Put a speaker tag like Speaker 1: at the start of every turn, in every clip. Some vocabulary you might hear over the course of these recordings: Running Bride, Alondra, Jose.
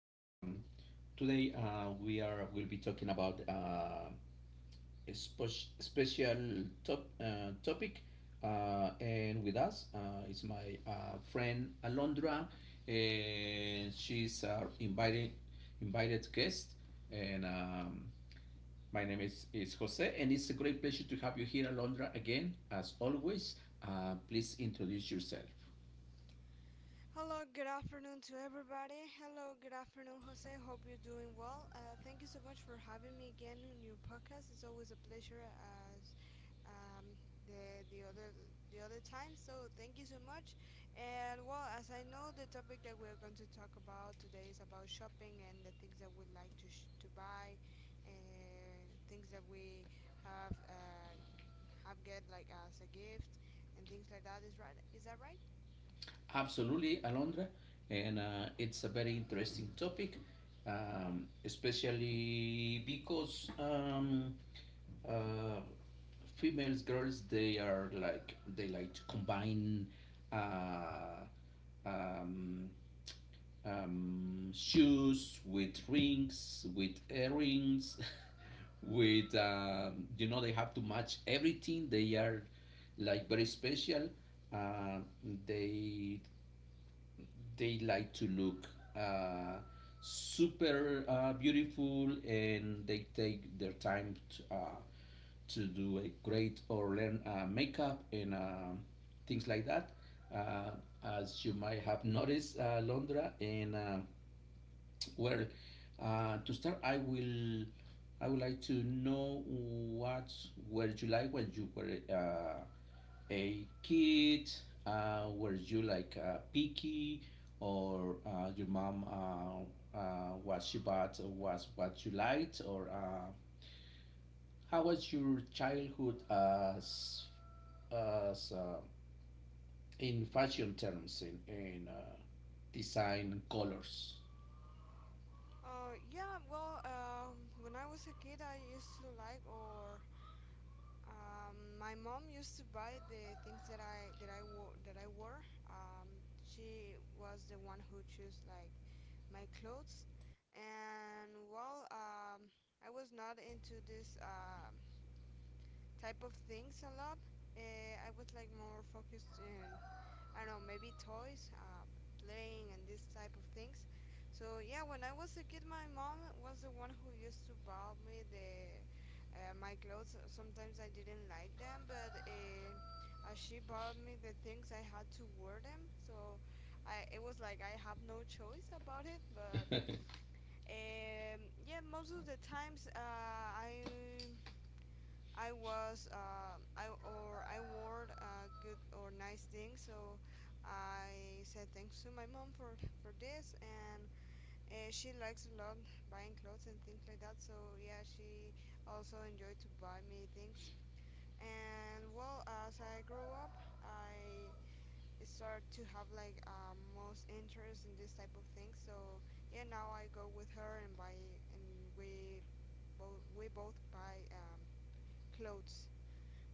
Speaker 1: Today we are will be talking about a special topic, and with us is my friend Alondra, and she's our invited guest, and my name is Jose, and it's a great pleasure to have you here, Alondra, again as always. Please introduce yourself.
Speaker 2: Hello, good afternoon to everybody. Hello, good afternoon, Jose. Hope you're doing well. Thank you so much for having me again on your podcast. It's always a pleasure as um, the the other the other time. So thank you so much. And well, as I know, the topic that we're going to talk about today is about shopping and the things that we like to to buy, things that we have uh, have get like as a gift and things like that. Is right? Is that right?
Speaker 1: Absolutely, Alondra, and it's a very interesting topic, especially because uh, females, girls, they like to combine uh, um, shoes with rings, with earrings, with you know they have to match everything. They are like very special. Uh, they they like to look uh, super beautiful, and they take their time to do a great or learn makeup and things like that. Uh, as you might have noticed, Londra, well, to start, I would like to know what were you like when you were a kid? Were you like picky, or your mom, what she bought was what you liked, or how was your childhood as as uh, in fashion terms in design colors?
Speaker 2: Yeah, well, when I was a kid, I used to like, or my mom used to buy the things that I wore. She was the one who chose like my clothes, and well, I was not into this type of things a lot. I was like more focused in I don't know, maybe toys, playing and this type of things. So yeah, when I was a kid, my mom was the one who used to buy me the my clothes. Sometimes I didn't like them, but she bought me the things I had to wear them. So I it was like I have no choice about it. But yeah, most of the times I was I or I wore good or nice things, so I said thanks to my mom for this, and she likes a lot buying clothes and things like that. So yeah, she also enjoyed to buy me things. And well, as I grow up, I start to have like most interest in this type of things. So yeah, now I go with her and buy, and we both buy clothes.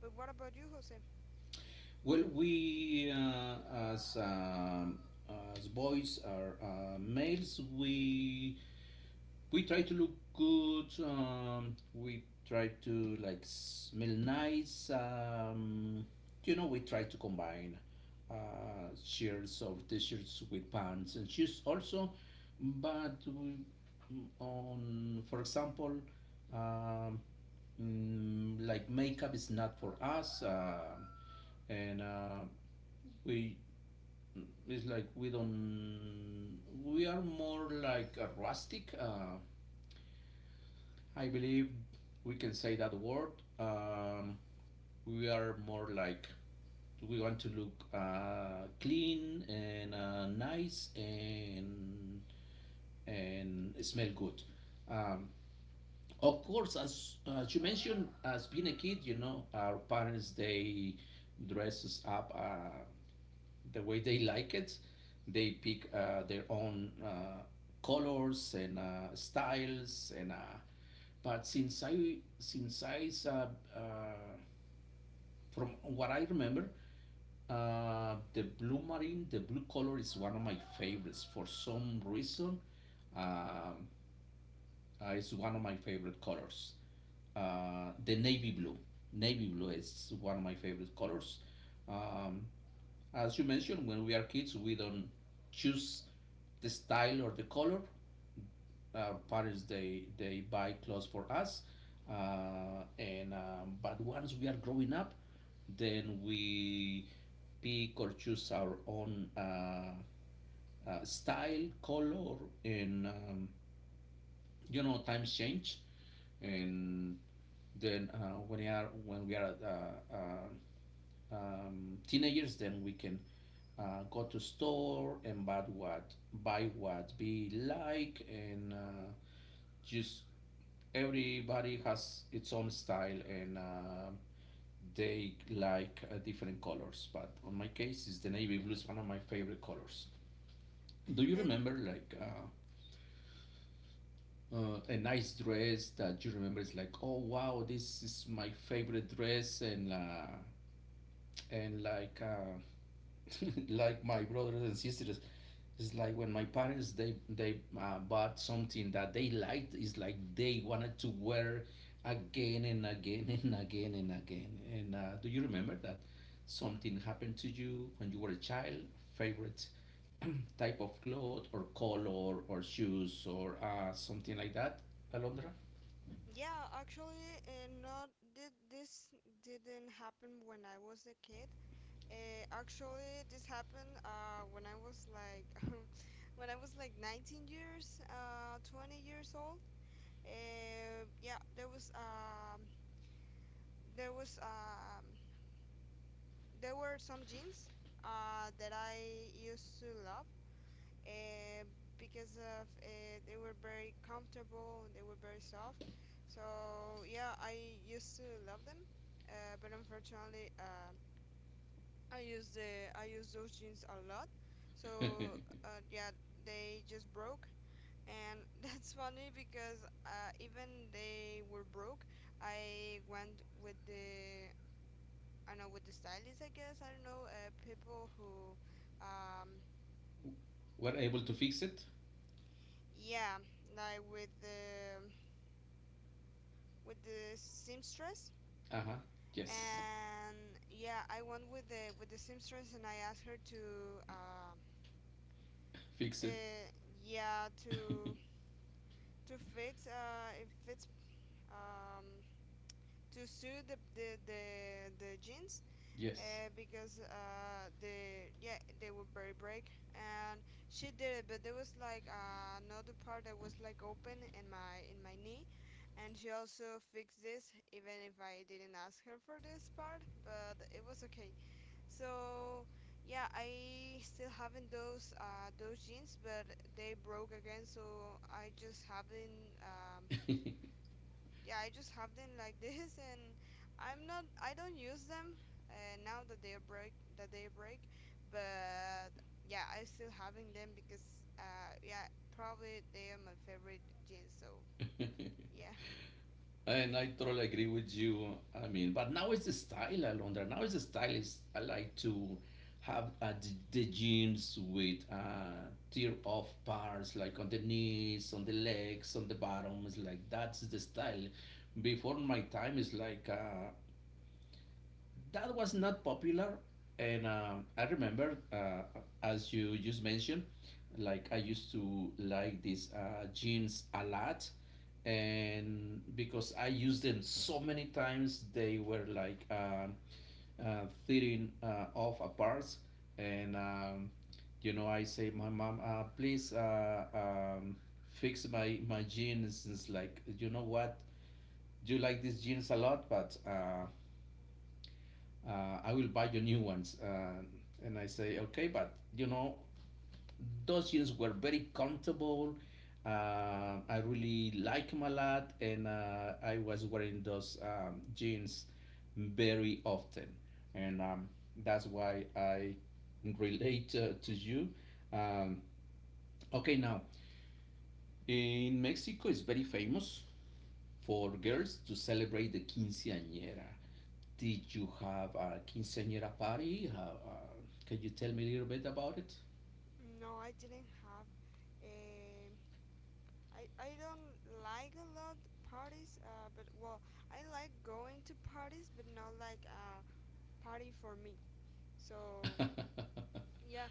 Speaker 2: But what about you, Jose?
Speaker 1: Well, we as um, as boys are males, we try to look good. We try to like smell nice. You know, we try to combine shirts or t-shirts with pants and shoes also. But for example, um, like makeup is not for us, and we Mm. it's like we don't. We are more like a rustic. I believe we can say that word. Um, we are more like we want to look clean and nice and smell good. Um, of course, as you mentioned, as being a kid, you know, our parents they dress us up the way they like it. They pick their own colors and styles and. But since I uh, from what I remember, the blue marine, the blue color is one of my favorites. For some reason, um, it's one of my favorite colors. Uh, the navy blue, navy blue is one of my favorite colors. Um, as you mentioned, when we are kids, we don't choose the style or the color. Our parents they buy clothes for us, and but once we are growing up, then we pick or choose our own style, color, and you know, times change, and then when we are teenagers, then we can go to store and buy what we like, and just everybody has its own style, and they like different colors. But on my case, is the navy blue is one of my favorite colors. Do you
Speaker 2: And
Speaker 1: remember like a nice dress that you remember is like, oh wow, this is my favorite dress, and and like uh, like my brothers and sisters, it's like when my parents they bought something that they liked, it's like they wanted to wear again and again and again and again, and do you remember that something happened to you when you were a child, favorite type of cloth or color or shoes or something like that, alondra?
Speaker 2: yeah, actually, not did this didn't happen when I was a kid. Actually, this happened when I was like when I was like 19 years, 20 years old. Yeah, there was there were some jeans that I used to love uh, because of they were very comfortable they were very soft. So yeah, I used to love them, but unfortunately, I use those jeans a lot. So yeah, they just broke, and that's funny because even they were broke, I went with the I don't know with the stylist I guess I don't know people who um
Speaker 1: Were able to fix it.
Speaker 2: yeah like with the seamstress
Speaker 1: Uh-huh. Yes.
Speaker 2: and yeah I went with the seamstress and I asked her to uh,
Speaker 1: Fix it.
Speaker 2: uh yeah to fit if it's um to suit the jeans,
Speaker 1: Yes.
Speaker 2: because they yeah they were very break and she did it but there was like another part that was like open in my knee and she also fixed this even if I didn't ask her for this part but it was okay so yeah I still having those jeans but they broke again so I just haven't yeah I just have them like this and I'm not I don't use them, now that they are break that they break but yeah I still having them because yeah probably they are my favorite jeans so yeah.
Speaker 1: And I totally agree with you. I mean, but now it's the style, Alondra. Now it's the style is I like to have the jeans with tear off parts, like on the knees, on the legs, on the bottom. It's like, that's the style. Before my time is like that was not popular, and I remember as you just mentioned, like I used to like these jeans a lot, and because I used them so many times, they were like fitting off apart, and you know, I say, my mom, please fix my jeans. It's like, you know what, you like these jeans a lot, but I will buy you new ones. And I say, okay, but you know, those jeans were very comfortable. I really like them a lot, and I was wearing those jeans very often, and that's why I relate to you. Um, okay, now in Mexico, it's very famous for girls to celebrate the quinceañera. Did you have a quinceañera party? How, can you tell me a little bit about it?
Speaker 2: No, I didn't have a. I don't like a lot parties but well I like going to parties but not like a party for me. So yeah,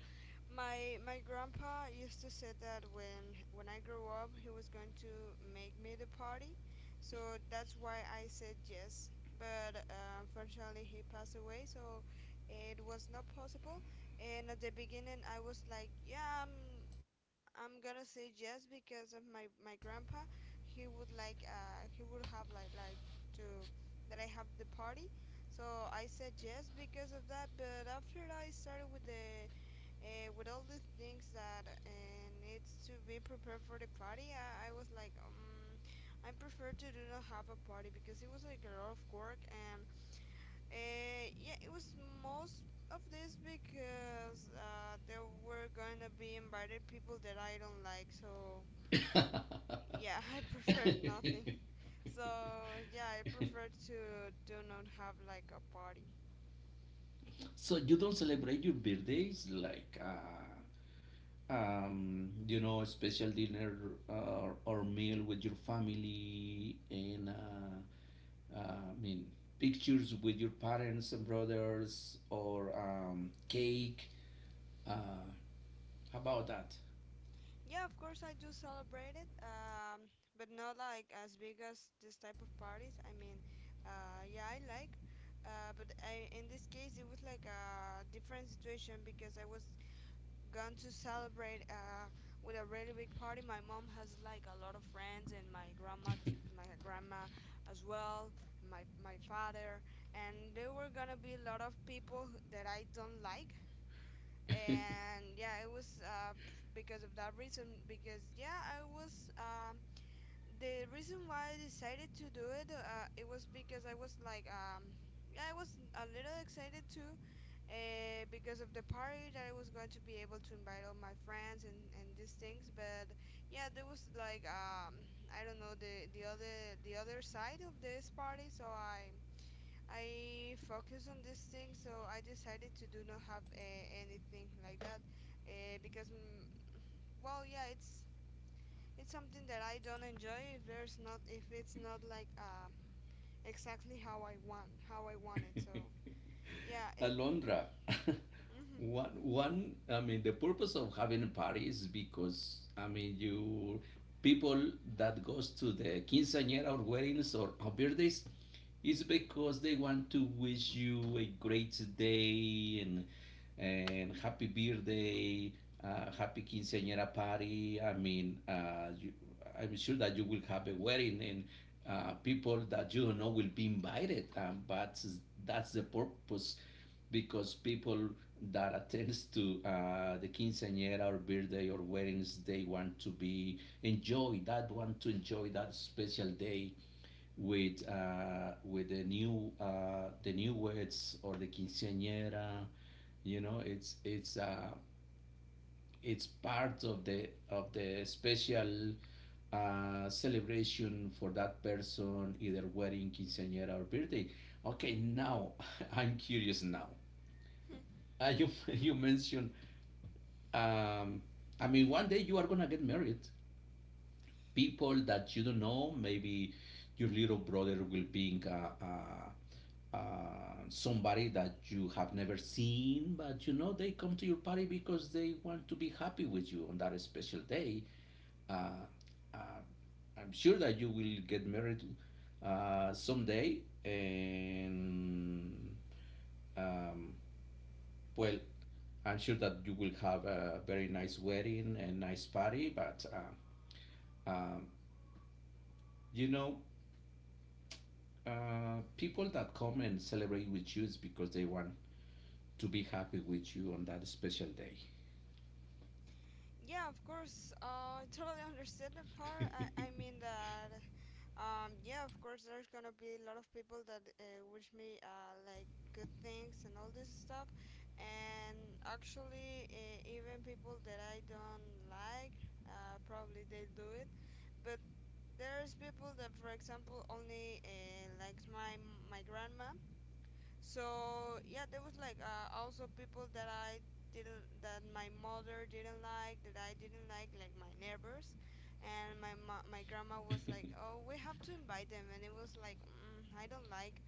Speaker 2: my grandpa used to say that when I grow up, he was going to make me the party, so that's why I said yes. But unfortunately, he passed away, so it was not possible. And at the beginning, I was like, yeah, I'm gonna say yes because of my my grandpa. He would like he would have like to that I have the party. So I said yes because of that, but after I started with the with all the things that needs to be prepared for the party, I was like, I prefer to do not have a party because it was like a lot of work and yeah, it was most of this because there were gonna be invited people that I don't like, so yeah, I preferred nothing. So yeah, I prefer to do not have like a party.
Speaker 1: So you don't celebrate your birthdays like you know, a special dinner uh, or meal with your family, and I mean, pictures with your parents and brothers or cake. Uh, How about that?
Speaker 2: Yeah, of course I do celebrate it, but not like as big as this type of parties. I mean, yeah, I like, but in this case it was like a different situation because I was gone to celebrate with a really big party. My mom has like a lot of friends, and my grandma, my grandma as well, my father, and there were gonna be a lot of people that I don't like and yeah it was because of that reason because yeah I was the reason why I decided to do it it was because I was like yeah I was a little excited too, because of the party that I was going to be able to invite all my friends and these things but yeah there was like I don't know the other side of this party so I focus on this thing, so I decided to do not have anything like that, because well, yeah, it's something that I don't enjoy if there's not if it's not like exactly how I want it. So yeah, it.
Speaker 1: Alondra,
Speaker 2: Mm-hmm.
Speaker 1: I mean, the purpose of having a party is because, I mean, you, people that goes to the quinceañera or weddings or birthdays is because they want to wish you a great day and happy birthday, happy quinceañera party. I mean, I'm sure that you will have a wedding, and people that you don't know will be invited. But that's the purpose, because people that attends to the quinceañera or birthday or weddings, they want to be enjoy that want to enjoy that special day with the new words or the quinceañera. You know, it's part of the special celebration for that person, either wedding, quinceañera, or birthday. Okay, now I'm curious now.
Speaker 2: Hmm.
Speaker 1: You you mentioned, um, I mean, one day you are gonna get married, people that you don't know. Maybe your little brother will be somebody that you have never seen, but you know they come to your party because they want to be happy with you on that special day. Uh, uh, I'm sure that you will get married someday, and um, well, I'm sure that you will have a very nice wedding and nice party, but um, you know, people that come and celebrate with you is because they want to be happy with you on that special day.
Speaker 2: Yeah, of course. I totally understand the part. I mean that yeah, of course, there's gonna be a lot of people that wish me like good things and all this stuff, and actually, even people that I don't like, probably they do it. But there's people that, for example, only likes my my grandma, so yeah there was like also people that I didn't that my mother didn't like that I didn't like my neighbors and my grandma was like oh we have to invite them and it was like mm, I don't like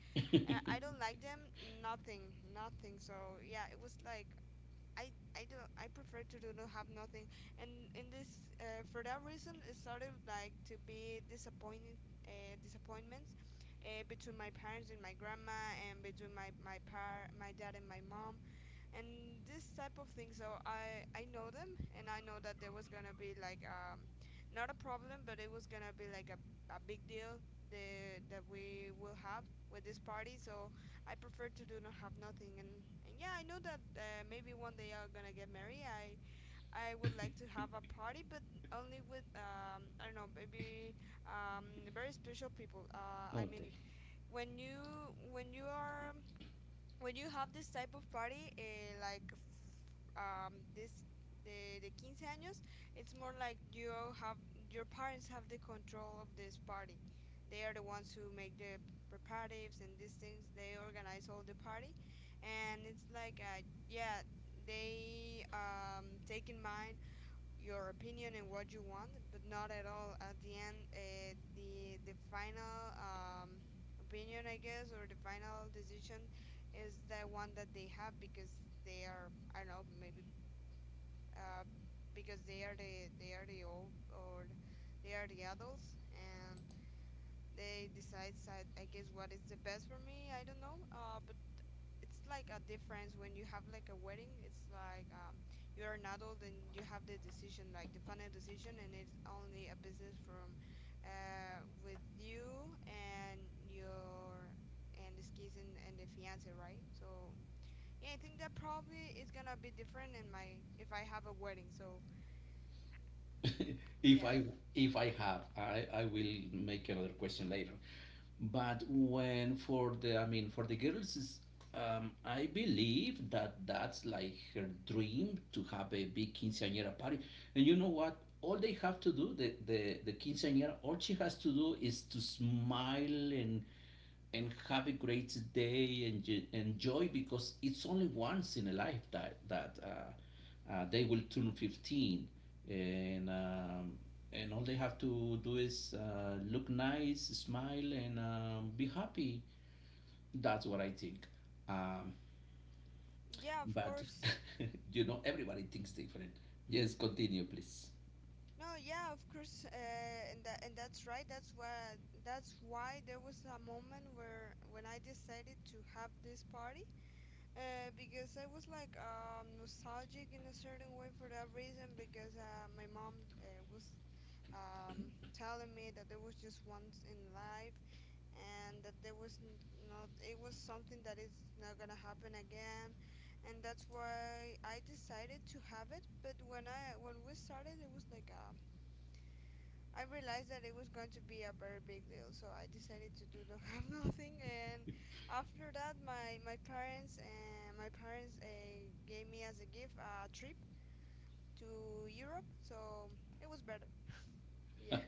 Speaker 2: I don't like them nothing nothing so yeah it was like I prefer to do not have nothing, and in this for that reason it started like to be disappointing, disappointments, between my parents and my grandma and between my dad and my mom and this type of thing so I know them and I know that there was gonna be like not a problem but it was gonna be like a big deal that we will have with this party so I prefer to do not have nothing, and and yeah I know that maybe one day I'm gonna get married I would like to have a party but only with I don't know maybe very special people I mean
Speaker 1: Okay.
Speaker 2: when you when you are when you have this type of party like this the 15 años it's more like you have your parents have the control of this party they are the ones who make the preparatives and these things they organize all the party and it's like yeah they take in mind your opinion and what you want but not at all at the end, the final opinion I guess or the final decision is the one that they have because they are I don't know maybe uh, because they are the old or they are the adults and they decide I guess what is the best for me I don't know, but it's like a difference when you have like a wedding it's like you are an adult and you have the decision like the final decision and it's only a business from with you and your and this case and the fiance right so yeah I think that probably is gonna be different in my if I have a wedding so
Speaker 1: if
Speaker 2: yeah.
Speaker 1: I if I have, I will make another question later. But when for the, I mean, for the girls is I believe that that's like her dream to have a big quinceañera party. And you know what? All they have to do, the quinceañera, all she has to do is to smile and have a great day and enjoy, because it's only once in a life that they will turn 15, and um, and all they have to do is look nice, smile, and be happy. That's what I think. um,
Speaker 2: Yeah, of
Speaker 1: but
Speaker 2: course.
Speaker 1: you know everybody thinks different. Yes, continue please.
Speaker 2: No, yeah, of course, and that and that's right. That's why there was a moment where when I decided to have this party, because I was like nostalgic in a certain way for that reason. Because my mom was telling me that there was just once in life, and that not, it was something that is not gonna happen again, and that's why I decided to have it. But when we started, it was like I realized that it was going to be a very big deal, so I decided to do not have nothing. And after that my parents gave me as a gift a trip to Europe, so it was better. Yeah.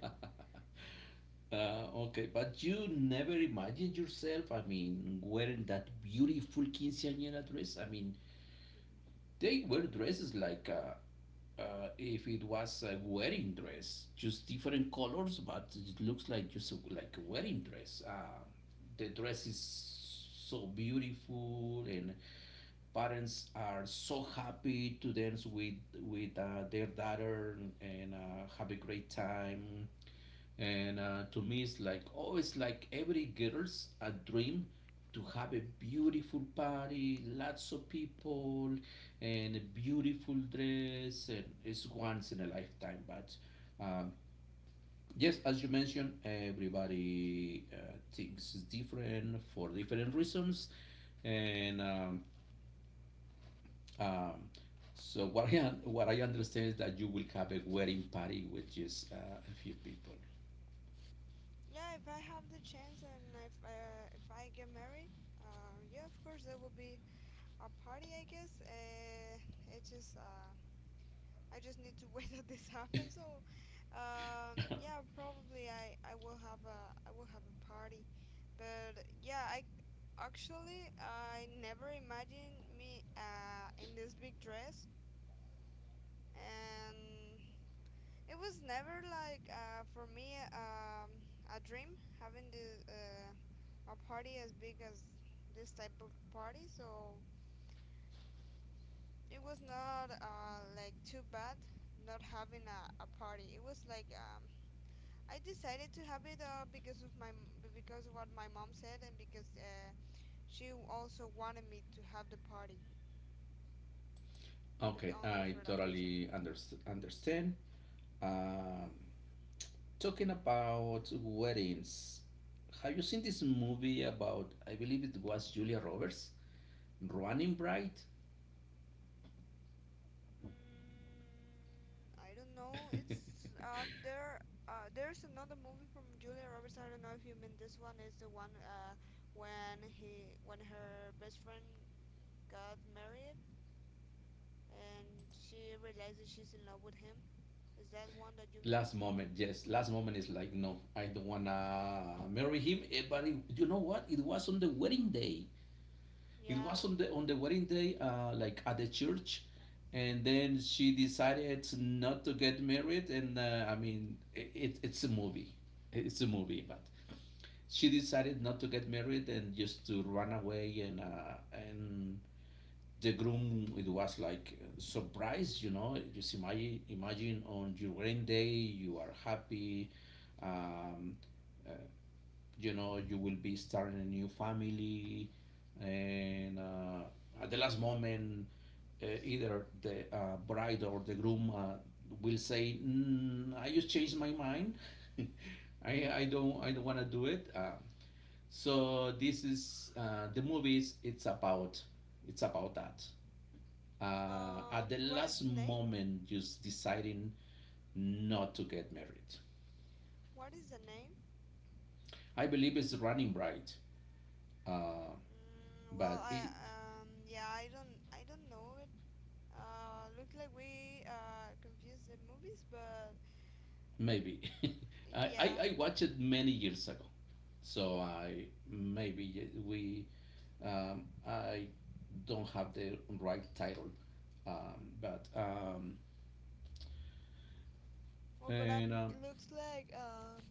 Speaker 1: Okay, but you never imagined yourself, I mean, wearing that beautiful quinceañera dress? I mean,
Speaker 2: Mm,
Speaker 1: they
Speaker 2: mm, no.
Speaker 1: were dresses like if it was a wedding dress, just different colors, but it looks like just a, like a wedding dress. The dress is so beautiful, and parents are so happy to dance with their daughter and have a great time, and to me it's like, oh, it's like every girl's a dream to have a beautiful party, lots of people, and a beautiful dress, and it's once in a lifetime. But um, yes, as you mentioned, everybody thinks is different for different reasons, and um, so what I, what I understand is that you will have a wedding party with just a few people.
Speaker 2: Yeah, if I have the chance, and if I get married, yeah, of course there will be a party, I guess. It just I just need to wait that this happens. So, yeah, probably I will have a party, but yeah, I actually I never imagined me in this big dress. And. It was never like for me a dream having the a party as big as this type of party, so it was not like too bad not having a party. It was like I decided to have it because of my because of what my mom said, and because she also wanted me to have the party, but
Speaker 1: Okay,
Speaker 2: only
Speaker 1: I
Speaker 2: for that reason.
Speaker 1: totally understand. Um, Talking about weddings, have you seen this movie about, I believe it was Julia Roberts, Running Bride?
Speaker 2: Mm, I don't know. It's there. There's another movie from Julia Roberts. I don't know if you mean this one. Is the one when her best friend got married, and she realizes she's in love with him. Is that one that you mean?
Speaker 1: Last moment, yes, last moment is like, no, I don't wanna marry him. Eh, but you know what? It was on the wedding day. It was
Speaker 2: Yeah.
Speaker 1: on the wedding day, like at the church, and then she decided not to get married. And I mean, it's a movie, but she decided not to get married and just to run away. And the groom, it was like surprise, you know. Just imagine on your wedding day, you are happy. um, uh, you know you will be starting a new family, and at the last moment, either the bride or the groom will say, I just changed my mind. I don't want to do it. So this is the movies it's about that, at the
Speaker 2: What is
Speaker 1: last
Speaker 2: the name?
Speaker 1: moment just deciding not to get married.
Speaker 2: What is the name?
Speaker 1: I believe it's Running Bright. uh,
Speaker 2: Mm, well,
Speaker 1: but
Speaker 2: I
Speaker 1: it,
Speaker 2: yeah, I don't know it. Looks like we confused the movies, but
Speaker 1: Maybe. I, I,
Speaker 2: yeah.
Speaker 1: I watched it many years ago. So I maybe we I don't have the right title, but
Speaker 2: Well, but
Speaker 1: and
Speaker 2: it looks like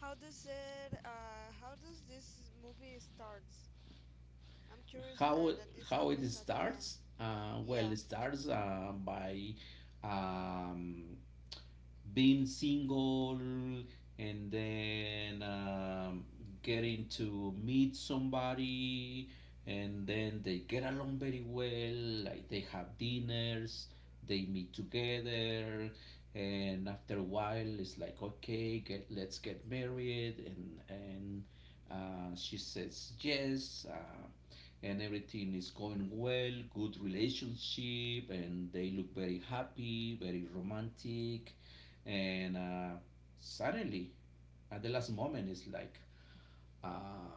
Speaker 2: how does this movie starts? I'm curious
Speaker 1: how
Speaker 2: that this
Speaker 1: how it
Speaker 2: happens at the end.
Speaker 1: starts? Well, it
Speaker 2: Yeah,
Speaker 1: starts by um, being single, and then getting to meet somebody, and then they get along very well. Like they have dinners, they meet together, and after a while it's like, okay, get let's get married, and she says yes. And everything is going well, good relationship, and they look very happy, very romantic. And Suddenly, at the last moment, it's like, uh,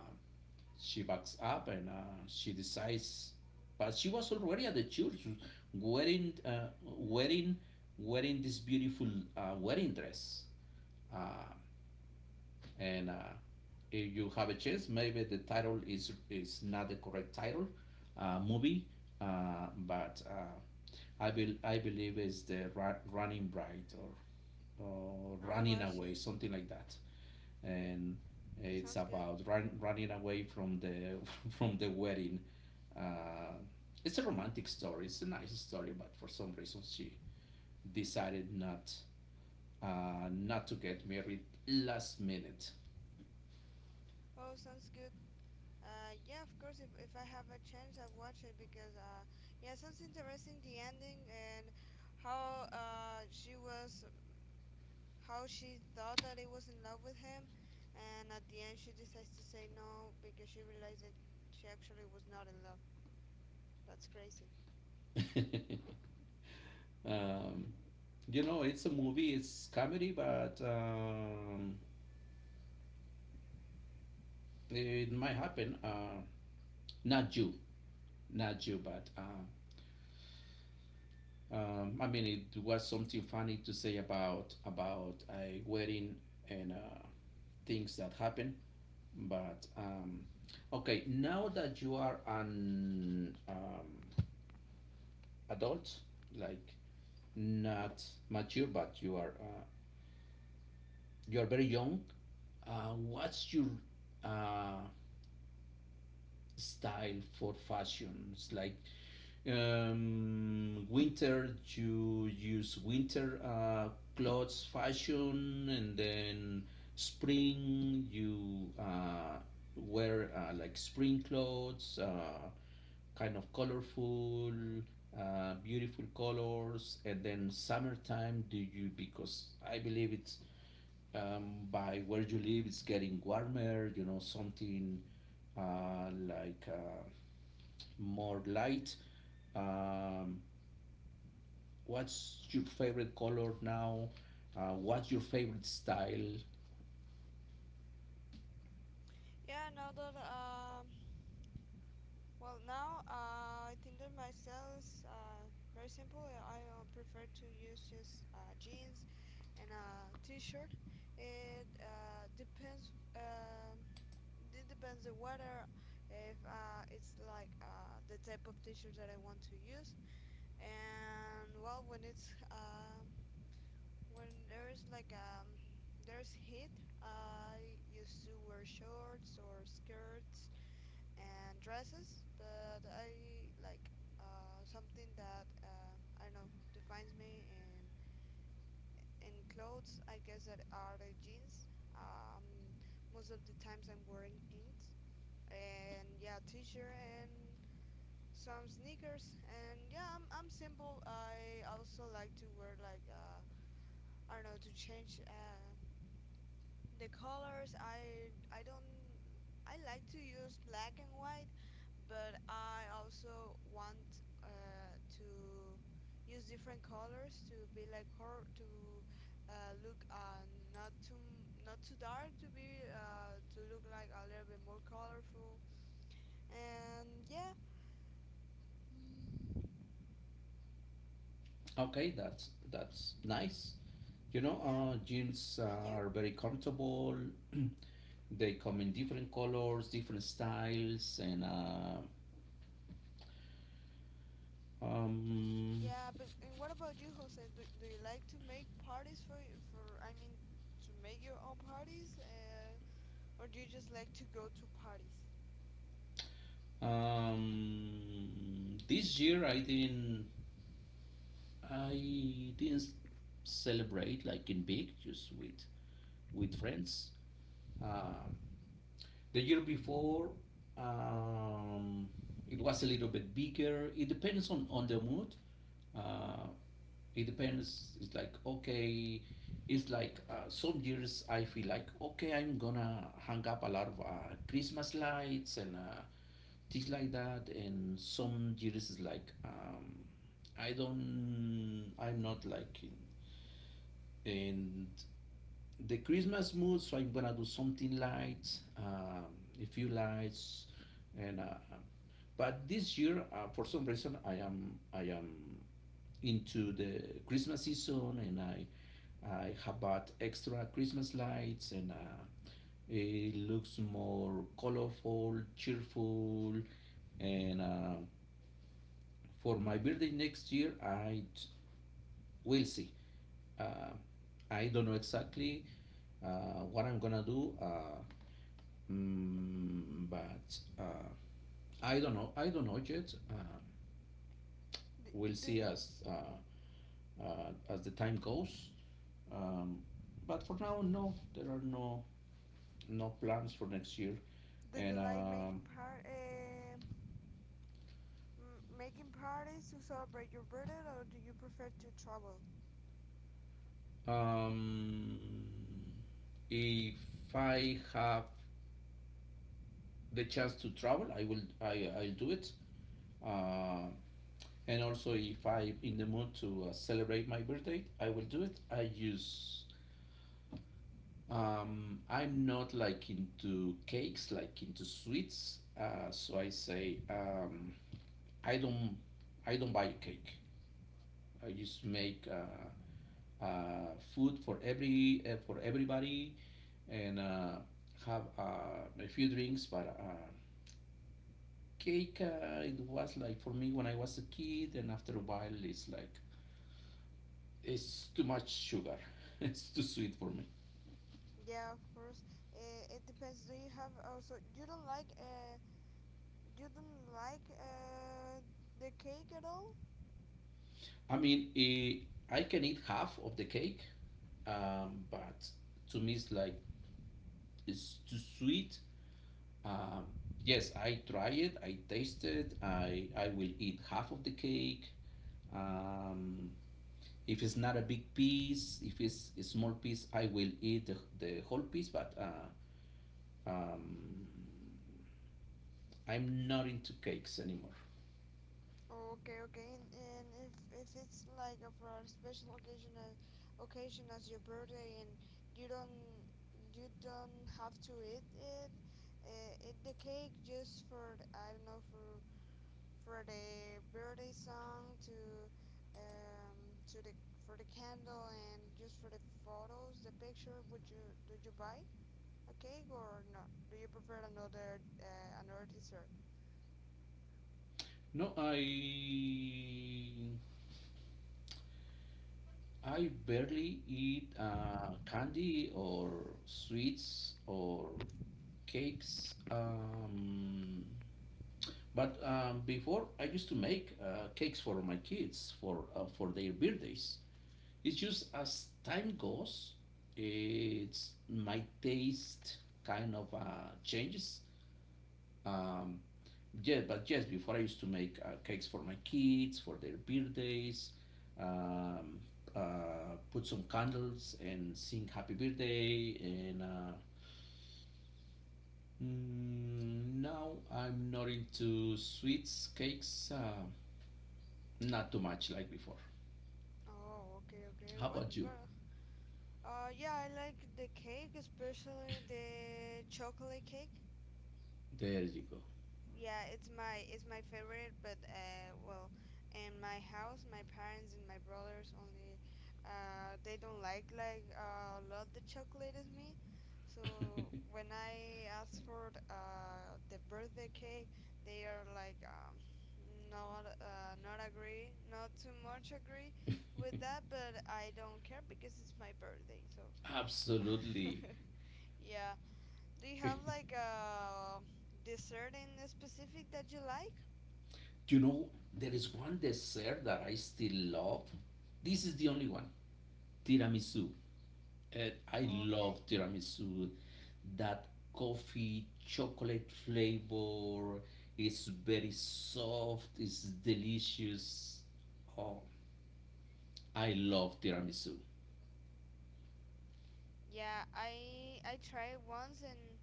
Speaker 1: she backs up, and she decides. But she was already at the church wearing wearing wearing this beautiful wedding dress. Uh, and If you have a chance, maybe the title is not the correct title movie, but I believe it's the Running Bride, or
Speaker 2: I'll
Speaker 1: Running
Speaker 2: watch
Speaker 1: Away,
Speaker 2: it.
Speaker 1: something like that. And it's
Speaker 2: Sounds good.
Speaker 1: about running away from the from the wedding. Uh, it's a romantic story. It's a nice story, but for some reason she decided not to get married last minute.
Speaker 2: Oh, sounds good. Yeah, of course. If I have a chance, I'll watch it because yeah, sounds interesting. The ending, and how she was, how she thought that it was in love with him, and at the end she decides to say no because she realized that she actually was not in love. That's crazy.
Speaker 1: um, you know, it's a movie. It's comedy, but it might happen. Not you, but. I mean, it was something funny to say about a wedding and things that happen. But okay, now that you are an adult, like not mature, but you are very young. What's your uh, style for fashions? Like, winter, you use winter clothes fashion, and then spring, you wear like spring clothes, kind of colorful, beautiful colors, and then summertime, do you? Because I believe it's by where you live, it's getting warmer, you know, something uh, like. Uh, more light. Um, what's your favorite color now? What's your favorite style?
Speaker 2: Yeah, now that well, now I think that my style is very simple. I prefer to use just jeans and a t-shirt. It depends. It depends the weather. If it's like the type of t-shirt that I want to use. And well, when there is like there's heat, I used to wear shorts or skirts and dresses, but I like something that I don't know defines me. And in clothes, I guess that are the jeans. Um, Most of the times I'm wearing jeans, and yeah, t-shirt and some sneakers. And yeah, I'm simple. I also like to wear like I don't know to change. The colors I don't I like to use black and white, but I also want to use different colors to be like hor to look not too dark, to look like a little bit more colorful. And yeah. Mm,
Speaker 1: Okay, that's nice. You know,
Speaker 2: yeah.
Speaker 1: jeans
Speaker 2: And you?
Speaker 1: are very comfortable. They come in different colors, different styles, and um,
Speaker 2: Yeah, but and what about you, Jose? Do you like to make parties for, I mean, to make your own parties, or do you just like to go to parties?
Speaker 1: um, this year I didn't celebrate like in big, just with friends. Um, The year before, um, it was a little bit bigger. It depends on the mood. Uh, it depends. It's like, okay, it's like some years I feel like, okay, I'm gonna hang up a lot of Christmas lights and things like that. And some years it's like, I'm not like in the Christmas mood, so I'm gonna do something light, um, a few lights, and but this year, for some reason, I am into the Christmas season, and I have bought extra Christmas lights, and it looks more colorful, cheerful, and for my birthday next year, will see. Uh, I don't know exactly what I'm gonna do. Mm, but I don't know. I don't know yet.
Speaker 2: Do
Speaker 1: We'll
Speaker 2: do,
Speaker 1: see as the time goes. Um, but for now, no, there are no no plans for next year.
Speaker 2: do you
Speaker 1: And
Speaker 2: like making par making parties to celebrate your birthday, or do you prefer to travel?
Speaker 1: um, if I have the chance to travel, I will. I'll do it. Uh, and also, if I'm in the mood to celebrate my birthday, I will do it. I use I'm not like into cakes, like into sweets. So I say I don't I don't buy a cake. I just make food for every for everybody, and have a few drinks. But cake, it was like for me when I was a kid, and after a while, it's like it's too much sugar. It's too sweet for me.
Speaker 2: Yeah, of course. It depends. Do you have also you don't like the cake at all?
Speaker 1: I mean, I can eat half of the cake, but to me it's like it's too sweet. Um, yes, I try it, I taste it, I will eat half of the cake. Um, if it's not a big piece, if it's a small piece, I will eat the whole piece. But um, I'm not into cakes anymore.
Speaker 2: Okay, okay, and if it's like for a special occasion, occasion as your birthday, and you don't you don't have to eat it, eat the cake just for I don't know, for the birthday song, to the for the candle and just for the photos, the picture. Would you did you buy a cake or not? Do you prefer another another dessert?
Speaker 1: No, I barely eat candy or sweets or cakes. But Before, I used to make cakes for my kids for their birthdays. It's just as time goes, it's my taste kind of changes. Um, yeah, but yes, before I used to make cakes for my kids for their birthdays, um, put some candles and sing happy birthday. Now I'm not into sweets, cakes, not too much like before.
Speaker 2: Oh, okay, okay.
Speaker 1: How about you?
Speaker 2: What Yeah, I like the cake, especially the chocolate cake.
Speaker 1: There you go.
Speaker 2: Yeah, it's my favorite. But well, in my house, my parents and my brothers only they don't like a lot the chocolate as me. So when I ask for the birthday cake, they are like not agree, not too much agree with that. But I don't care because it's my birthday, so.
Speaker 1: Absolutely.
Speaker 2: Yeah. Do you have like a dessert in specific that you like?
Speaker 1: You know, there is one dessert that I still love. This is the only one. Tiramisu. And I
Speaker 2: Okay.
Speaker 1: love tiramisu. That coffee chocolate flavor is very soft, it's delicious. Oh, I love tiramisu.
Speaker 2: Yeah, I tried once, and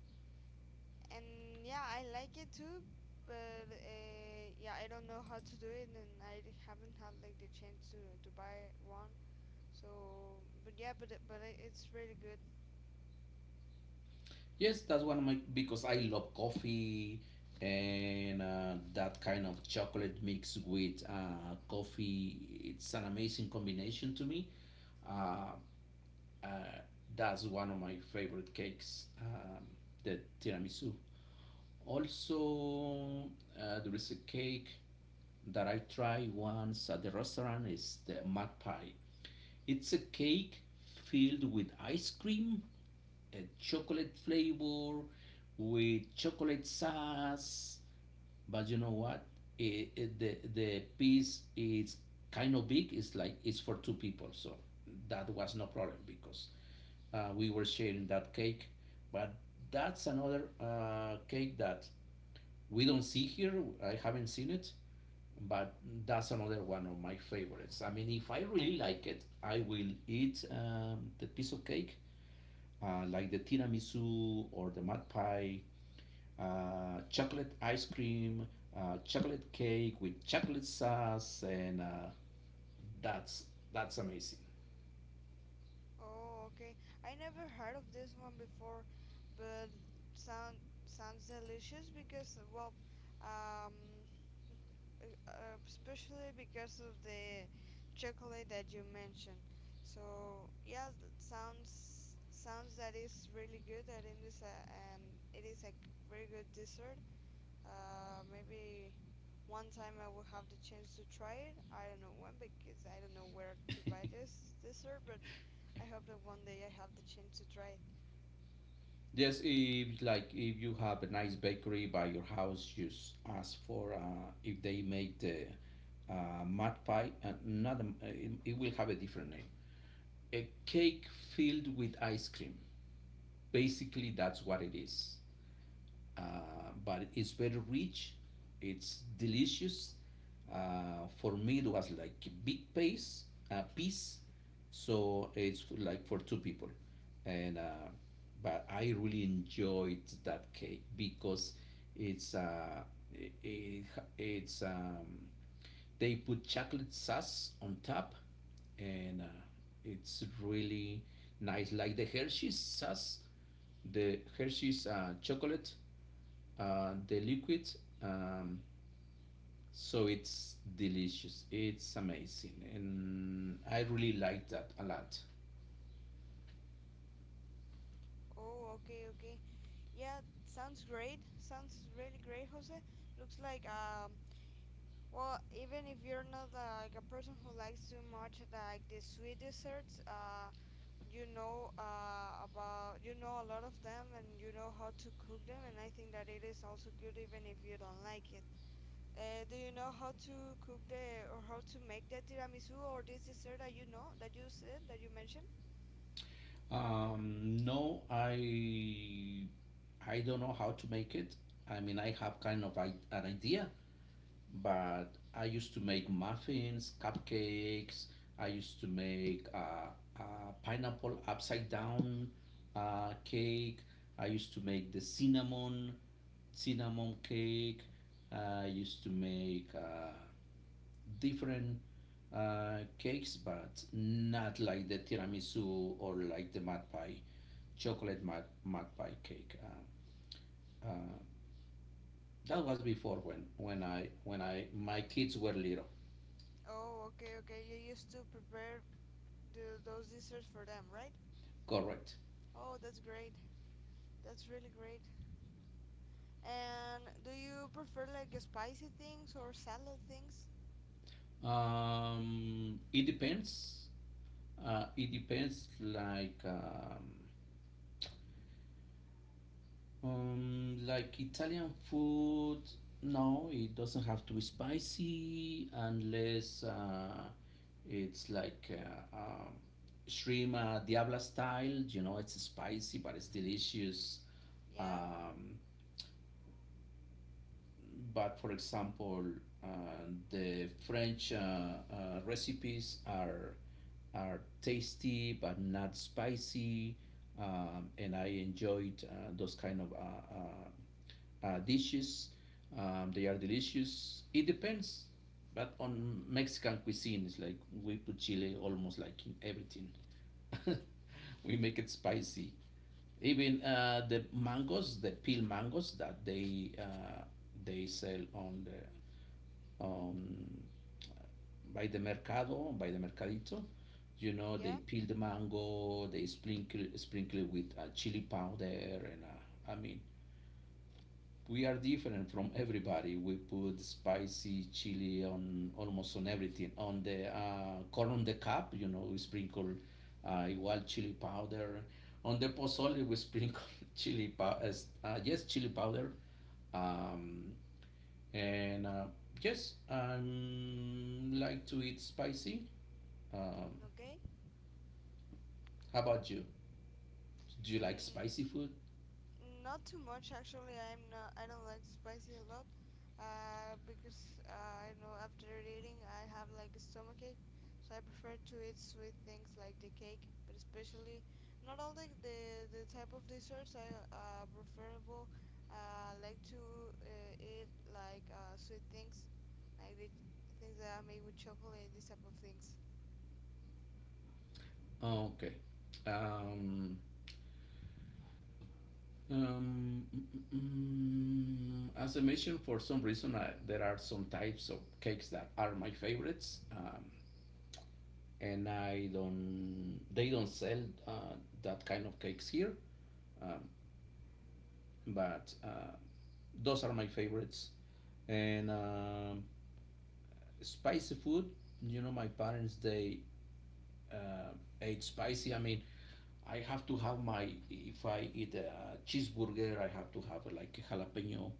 Speaker 2: and yeah, I like it too, but yeah, I don't know how to do it, and I haven't had like the chance to buy one. So, but yeah, it's really good.
Speaker 1: Yes, that's one of my because I love coffee, and that kind of chocolate mixed with coffee. It's an amazing combination to me. Uh, uh, that's one of my favorite cakes, the tiramisu. Also, there is a cake that I tried once at the restaurant. Is the mud pie. It's a cake filled with ice cream, a chocolate flavor, with chocolate sauce. But you know what? The piece is kind of big. It's like it's for two people, so that was no problem because we were sharing that cake. But that's another cake that we don't see here. I haven't seen it, but that's another one of my favorites. I mean, if I really like it, I will eat the piece of cake, like the tiramisu or the mud pie, chocolate ice cream, chocolate cake with chocolate sauce, and that's that's amazing.
Speaker 2: Oh, okay. I never heard of this one before, but sound sounds delicious because, well, um, especially because of the chocolate that you mentioned. So yeah, sounds that is really good. That it is a, and it is a very good dessert. Maybe one time I will have the chance to try it. I don't know when because I don't know where to buy this dessert, but I hope that one day I have the chance to try it.
Speaker 1: Yes, if like if you have a nice bakery by your house, just ask for if they make the mud pie. Not a, it will have a different name. A cake filled with ice cream. Basically, that's what it is, uh, but it's very rich. It's delicious. For me, it was like a big piece, a piece. So it's like for two people, and but I really enjoyed that cake because it's uh, it, it's they put chocolate sauce on top, and it's really nice, like the Hershey's sauce, the Hershey's chocolate, the liquid. Um, so it's delicious. It's amazing, and I really like that a lot.
Speaker 2: Oh, okay, okay. Yeah, sounds great. Sounds really great, Jose. Looks like Well, even if you're not like a person who likes too much like the sweet desserts, you know about you know a lot of them, and you know how to cook them, and I think that it is also good even if you don't like it. Do you know how to cook the or how to make the tiramisu or this dessert that you know, that you said that you mentioned?
Speaker 1: No, I don't know how to make it. I mean, I have kind of an idea, but I used to make muffins, cupcakes. I used to make uh, pineapple upside down cake. I used to make the cinnamon cake. I used to make different cakes, but not like the tiramisu or like the mud pie, mud pie cake. Uh, that was before when I my kids were little.
Speaker 2: Oh, okay, okay. You used to prepare those desserts for them, right?
Speaker 1: Correct.
Speaker 2: Oh, that's great. That's really great. And do you prefer like spicy things or salad things?
Speaker 1: It depends. It depends. Like Italian food. No, it doesn't have to be spicy unless it's like shrimp diabla style. You know, it's spicy but it's delicious.
Speaker 2: Yeah,
Speaker 1: Um, but for example, uh, the French recipes are tasty but not spicy, and I enjoyed those kind of dishes. They are delicious. It depends, but on Mexican cuisine, it's like we put chili almost like in everything. We make it spicy. Even the mangoes, the peel mangoes that they sell on
Speaker 2: mm,
Speaker 1: the um, by the mercado, by the mercadito, you know, they
Speaker 2: yeah,
Speaker 1: peel the mango, they sprinkle it with chili powder, and I mean, we are different from everybody. We put spicy chili on almost on everything. On the corn on the cup, you know, we sprinkle igual chili powder. On the pozole, we sprinkle chili powder. Yes, chili powder. Um, and Yes, I like to eat spicy. Um,
Speaker 2: okay.
Speaker 1: how about you? Do you like
Speaker 2: Mm,
Speaker 1: spicy food?
Speaker 2: not too much actually. I'm not. I don't like spicy a lot, because I know after eating I have like a stomachache, so I prefer to eat sweet things like the cake, but especially not all the type of desserts. I preferable like to eat like sweet things, like the things that are made with chocolate, these type of things.
Speaker 1: Oh, okay. Um, as I mentioned, for some reason, I, there are some types of cakes that are my favorites, and I don't. They don't sell uh, that kind of cakes here, um, but those are my favorites. And spicy food, you know, my parents they uh, ate spicy. I mean, I have to have my, if I eat a cheeseburger, I have to have like a jalapeno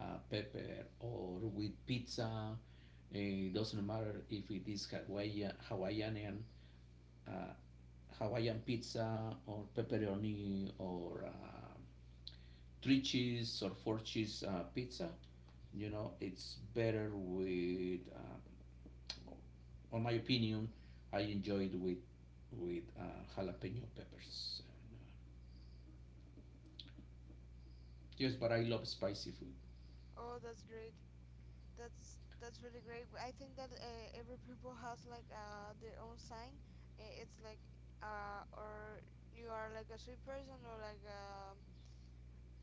Speaker 1: pepper or with pizza. It doesn't matter if it is Hawaiian, uh, Hawaiian pizza or pepperoni or three cheese or four cheese pizza. You know, it's better with, on my opinion, I enjoy it with with uh, jalapeno peppers. Yes, but I love spicy food.
Speaker 2: Oh, that's great. That's really great. I think that every people has like their own sign. It's like or you are like a sweet person or like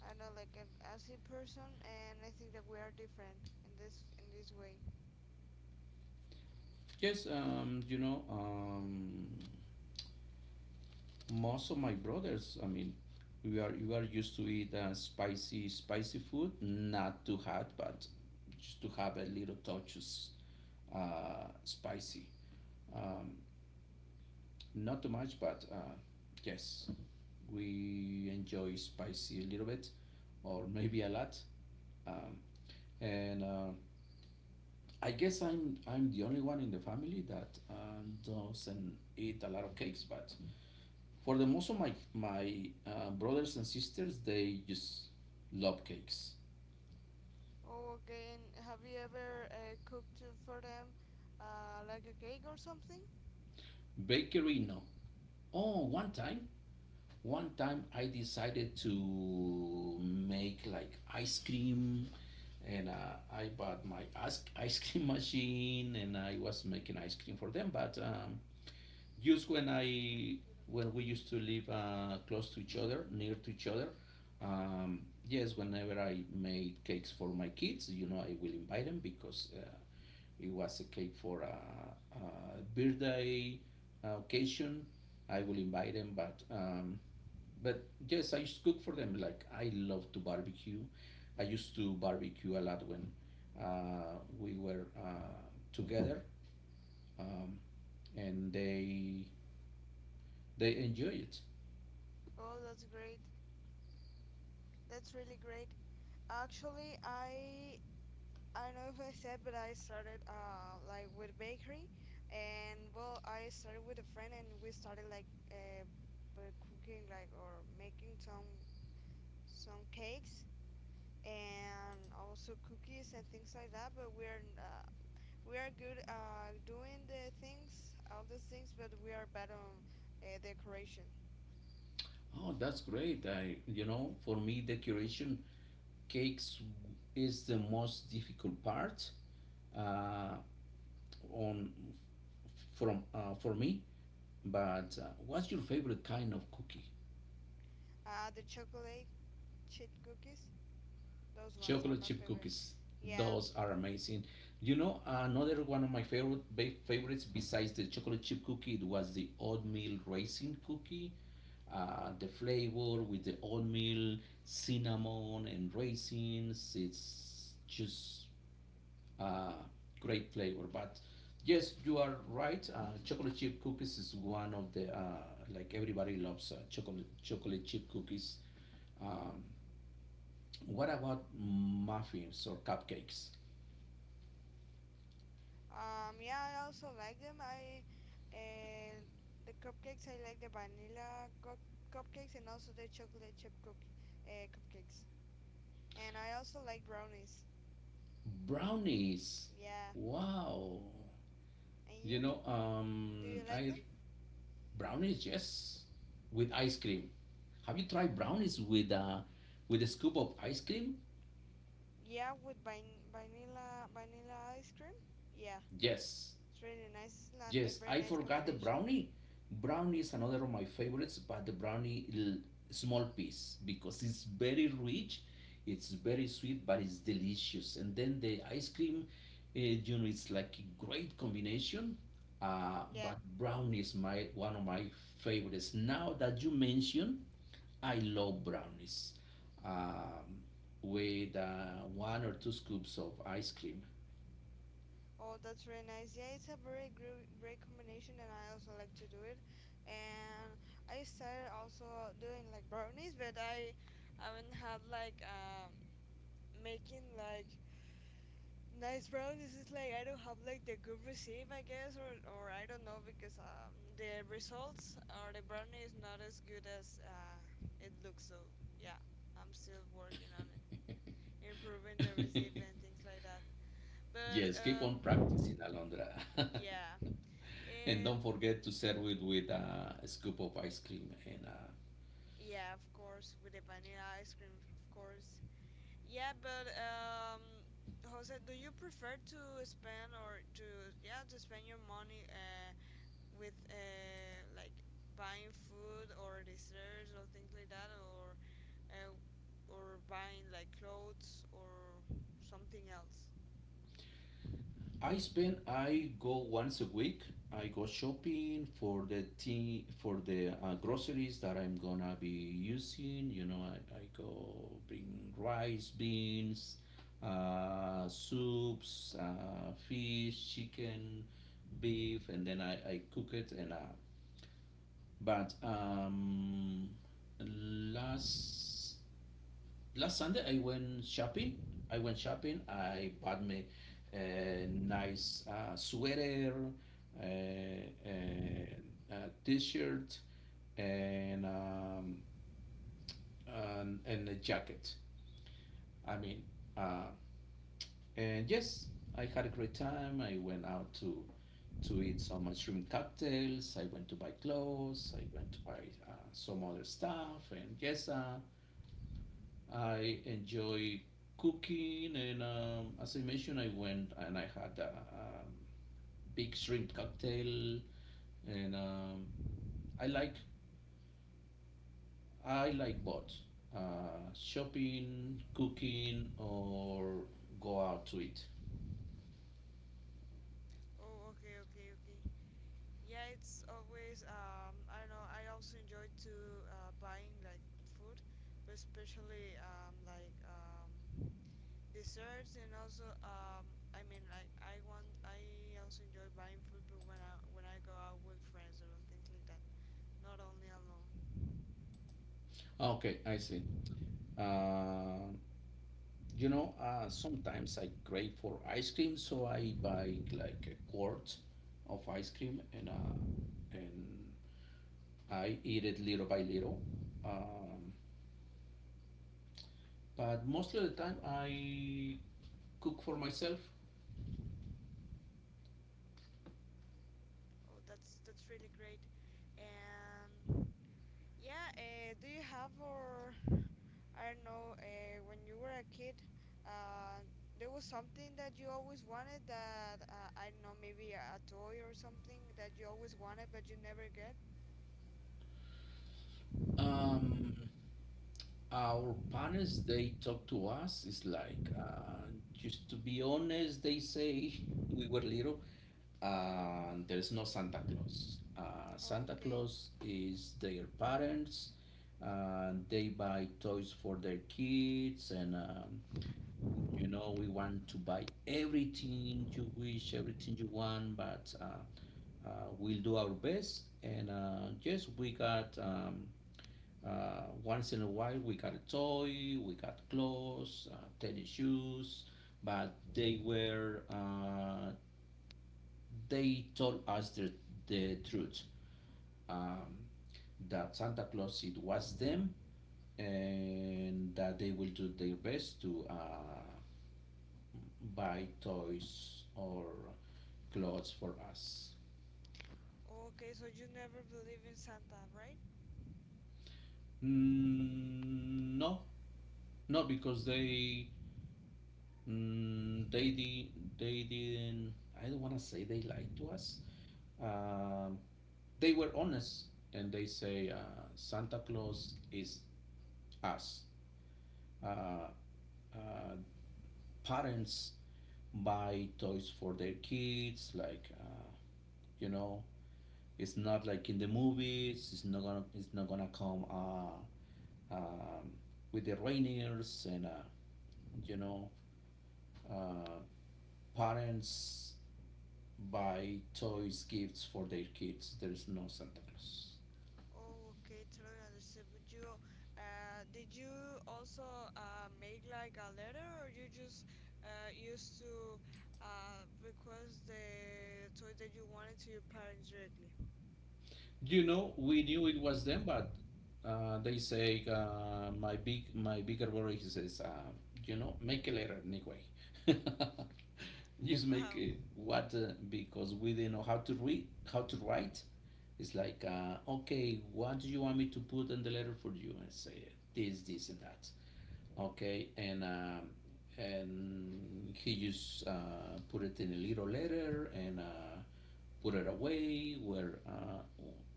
Speaker 2: I don't know, like an acid person. And I think that we are different in this way.
Speaker 1: Yes, most of my brothers, I mean, we are you are used to eat spicy food, not too hot, but just to have a little touches spicy. Um, Not too much, but yes, we enjoy spicy a little bit, or maybe a lot. Um, and I guess I'm the only one in the family that doesn't eat a lot of cakes, but for the most of my brothers and sisters, they just love cakes.
Speaker 2: Oh, okay. And have you ever cooked for them, like a cake or something?
Speaker 1: Bakery, no. Oh, one time I decided to make like ice cream, and I bought my ice cream machine, and I was making ice cream for them, but. Just when I when we used to live close to each other, near to each other. Yes, whenever I made cakes for my kids, I will invite them because it was a cake for a birthday occasion. I will invite them, but yes, I used to cook for them. Like I love to barbecue. I used to barbecue a lot when we were together, um, and they enjoy it.
Speaker 2: Oh, that's great. That's really great. Actually, I don't know if I said, but I started like with bakery, and well, I started with a friend, and we started like cooking, like, or making some cakes and also cookies and things like that. But we are good doing the things, all those things, but we are bad on decoration.
Speaker 1: Oh, that's great. For me, decoration cakes is the most difficult part uh, on from for me. But what's your favorite kind of cookie?
Speaker 2: The chocolate chip cookies, those ones are
Speaker 1: Chocolate
Speaker 2: my
Speaker 1: chip
Speaker 2: favorite.
Speaker 1: cookies.
Speaker 2: Yeah.
Speaker 1: Those are amazing. You know, another one of my favorites besides the chocolate chip cookie it was the oatmeal raisin cookie. The flavor with the oatmeal, cinnamon, and raisins. It's just uh, great flavor. But yes, you are right. Chocolate chip cookies is one of the like everybody loves chocolate chip cookies. Um, what about muffins or cupcakes?
Speaker 2: Yeah, I also like them. I uh, the cupcakes. I like the vanilla cupcakes, and also the chocolate chip cook cupcakes. And I also like brownies.
Speaker 1: Brownies.
Speaker 2: Yeah.
Speaker 1: Wow.
Speaker 2: And
Speaker 1: You
Speaker 2: you?
Speaker 1: know,
Speaker 2: Do you like
Speaker 1: I
Speaker 2: them?
Speaker 1: Brownies, yes, with ice cream. Have you tried brownies with a scoop of ice cream?
Speaker 2: Yeah, with vanilla ice cream. Yeah,
Speaker 1: Yes.
Speaker 2: it's really nice. It's not a
Speaker 1: Yes,
Speaker 2: very
Speaker 1: I
Speaker 2: nice
Speaker 1: forgot the
Speaker 2: combination.
Speaker 1: brownie. Brownie is another of my favorites, but the brownie l- small piece because it's very rich, it's very sweet, but it's delicious. And then the ice cream, you know, it's like a great combination.
Speaker 2: Yeah.
Speaker 1: But brownie is my one of my favorites. Now that you mention, I love brownies, um, with one or two scoops of ice cream.
Speaker 2: Oh, that's really nice. Yeah, it's a very great combination, and I also like to do it. And I started also doing like brownies, but I haven't had making like nice brownies. It's like I don't have like the good recipe, I guess, or I don't know because the results or the brownie is not as good as it looks. So yeah, I'm still working on it, improving the recipe and things like that. But
Speaker 1: Yes, keep on practicing, Alondra.
Speaker 2: yeah.
Speaker 1: And
Speaker 2: And
Speaker 1: don't forget to serve it with a scoop of ice cream. And
Speaker 2: Yeah, of course, with the vanilla ice cream, of course. Yeah, but Jose, do you prefer to spend, or to, yeah, to spend your money with like buying food or desserts or things like that, uh, or buying like clothes or something else?
Speaker 1: I spend, I go once a week. I go shopping for the thing, for the groceries that I'm gonna be using. I go bring rice, beans, soups, fish, chicken, beef, and then I cook it and But last last Sunday I went shopping. I went shopping. I bought me a nice sweater, uh, uh, a t-shirt, and um, and a jacket. I mean, uh, And yes, I had a great time. I went out to eat some mushroom cocktails. I went to buy clothes. I went to buy some other stuff. And yes, I enjoy cooking. And as I mentioned, I went and I had a big shrimp cocktail. And I like I like both shopping, cooking, or go out to eat.
Speaker 2: Oh, okay, okay, okay. Yeah, it's always I don't know, I also enjoy to buying like food, but especially like desserts, and also I mean like I also enjoy buying food, but when I go out with friends or things like that, not only alone.
Speaker 1: Okay, I see. Um You know, sometimes I crave for ice cream, so I buy like a quart of ice cream and and I eat it little by little. Um, but most of the time, I cook for myself.
Speaker 2: Oh, that's really great. And yeah, do you have or I don't know, when you were a kid, uh, there was something that you always wanted that, I don't know, maybe a toy or something that you always wanted but you never get?
Speaker 1: Um, Our parents, they talk to us. It's like, just to be honest, they say we were little. There's no Santa Claus. Santa
Speaker 2: Okay.
Speaker 1: Claus is their parents. They buy toys for their kids, and you know we want to buy everything you wish, everything you want. But we'll do our best, and yes, we got. Once in a while, we got a toy, we got clothes, tennis shoes, but they were they told us the truth, um, that Santa Claus it was them and that they will do their best to buy toys or clothes for us.
Speaker 2: Okay, so you never believe in Santa, right?
Speaker 1: Mm, no, not because they Mm, they did. They didn't. I don't want to say they lied to us. Um, they were honest, and they say Santa Claus is us. Uh, uh, Parents buy toys for their kids, like you know, it's not like in the movies. It's not gonna. It's not gonna come um, with the reindeers and you know, uh, parents buy toys, gifts for their kids. There's no Santa Claus.
Speaker 2: Oh, okay, totally understand. But you, did you also make like a letter or you just used to request the toy that you wanted to your parents directly?
Speaker 1: You know, we knew it was them, but they say my bigger brother. He says, you know, make a letter anyway. Just make
Speaker 2: Wow.
Speaker 1: it what because we didn't know how to read, how to write. It's like, okay, what do you want me to put in the letter for you? And I say this, this, and that. Okay, and he just put it in a little letter and put it away where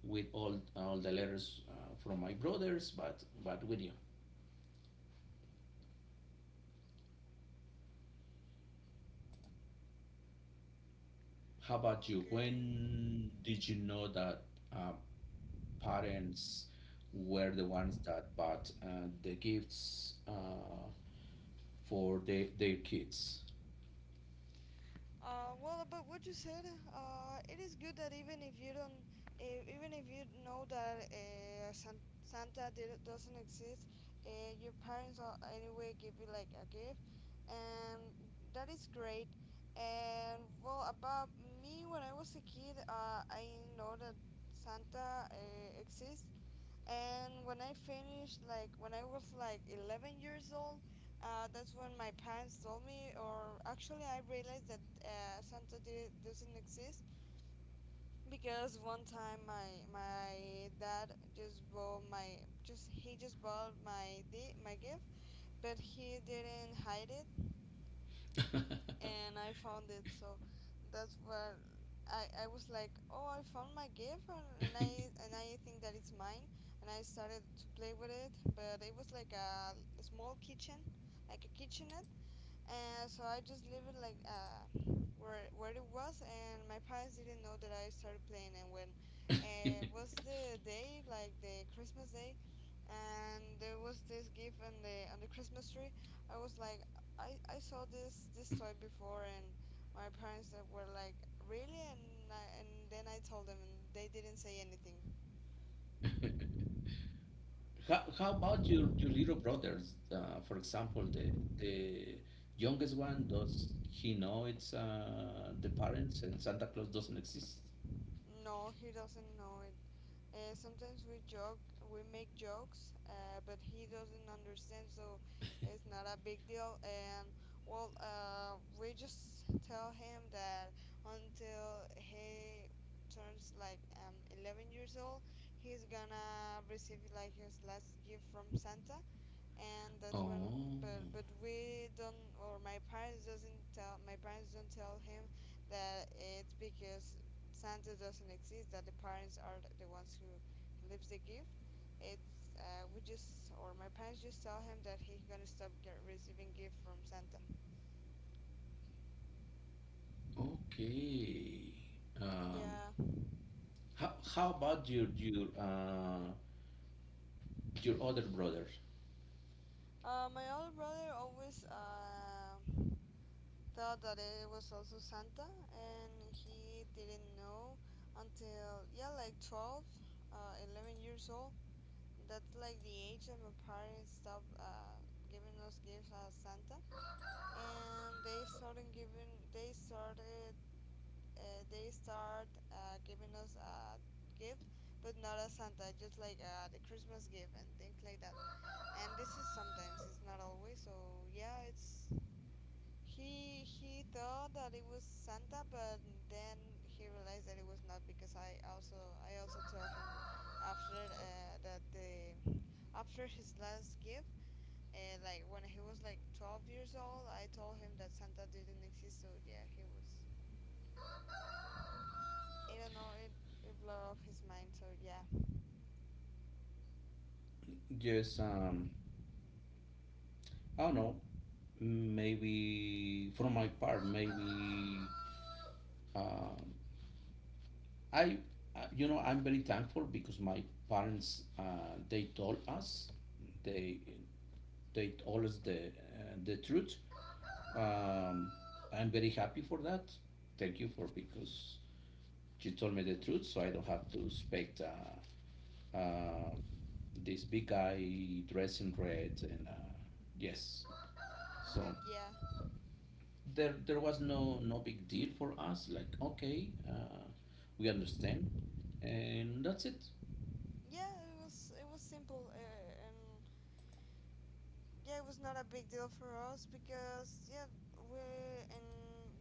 Speaker 1: with all the letters from my brothers, but with you. How about you?
Speaker 2: Okay.
Speaker 1: When did you know that uh, parents were the ones that bought the gifts for their kids?
Speaker 2: Well, about what you said, it is good that even if you don't, even if you know that Santa doesn't exist, your parents will anyway give you like a gift, and that is great. And well, about me, when I was a kid, I know that Santa exists, and when I finished, like when I was like 11 years old, that's when my parents told me, or actually I realized that Santa doesn't exist because one time my dad just bought my just he just bought my gift, but he didn't hide it and I found it. So that's where I was like, oh, I found my gift, and I think that it's mine. And I started to play with it, but it was like a small kitchen, like a kitchenette, and so I just leave it like where it was, and my parents didn't know that I started playing. And when it was the day like the Christmas day, and there was this gift on the Christmas tree. I was like, I saw this toy before, and my parents were like, really? And then I told them, and they didn't say anything.
Speaker 1: How about your little brothers? For example, the youngest one, does he know it's the parents and Santa Claus doesn't exist?
Speaker 2: No, he doesn't know it. Sometimes we joke, we make jokes, but he doesn't understand, so it's not a big deal. And well, we just tell him that until he turns like 11 years old, he's gonna receive like his last gift from Santa and that's when
Speaker 1: Oh,
Speaker 2: but we don't or my parents doesn't tell my parents don't tell him that it's because Santa doesn't exist that the parents are the ones who leaves the gift it's we just or my parents just tell him that he's gonna stop receiving gift from Santa.
Speaker 1: okay. Um,
Speaker 2: Yeah,
Speaker 1: how about your other brother?
Speaker 2: my older brother always thought that it was also Santa and he didn't know until yeah like 12, 11 years old. That's like the age that my parents stopped giving us gifts as Santa, and they started they start giving us a gift, but not as Santa, just like the Christmas gift and things like that. And this is sometimes, it's not always. So yeah, it's he thought that it was Santa, but then he realized that it was not because I also told him after that the after his last gift, like when he was like 12 years old, I told him that Santa didn't exist. So yeah, he was. I don't know. It blew off his mind. So yeah,
Speaker 1: Just I don't know. Maybe for my part, maybe um, I, you know, I'm very thankful because my parents, they told us, they, they told us the truth. Um, I'm very happy for that. Thank you for because she told me the truth, so I don't have to expect uh, this big guy dressed in red and yes. So
Speaker 2: yeah,
Speaker 1: there was no no big deal for us. Like okay, we understand, and that's it.
Speaker 2: yeah. It was simple and yeah, it was not a big deal for us because yeah, we and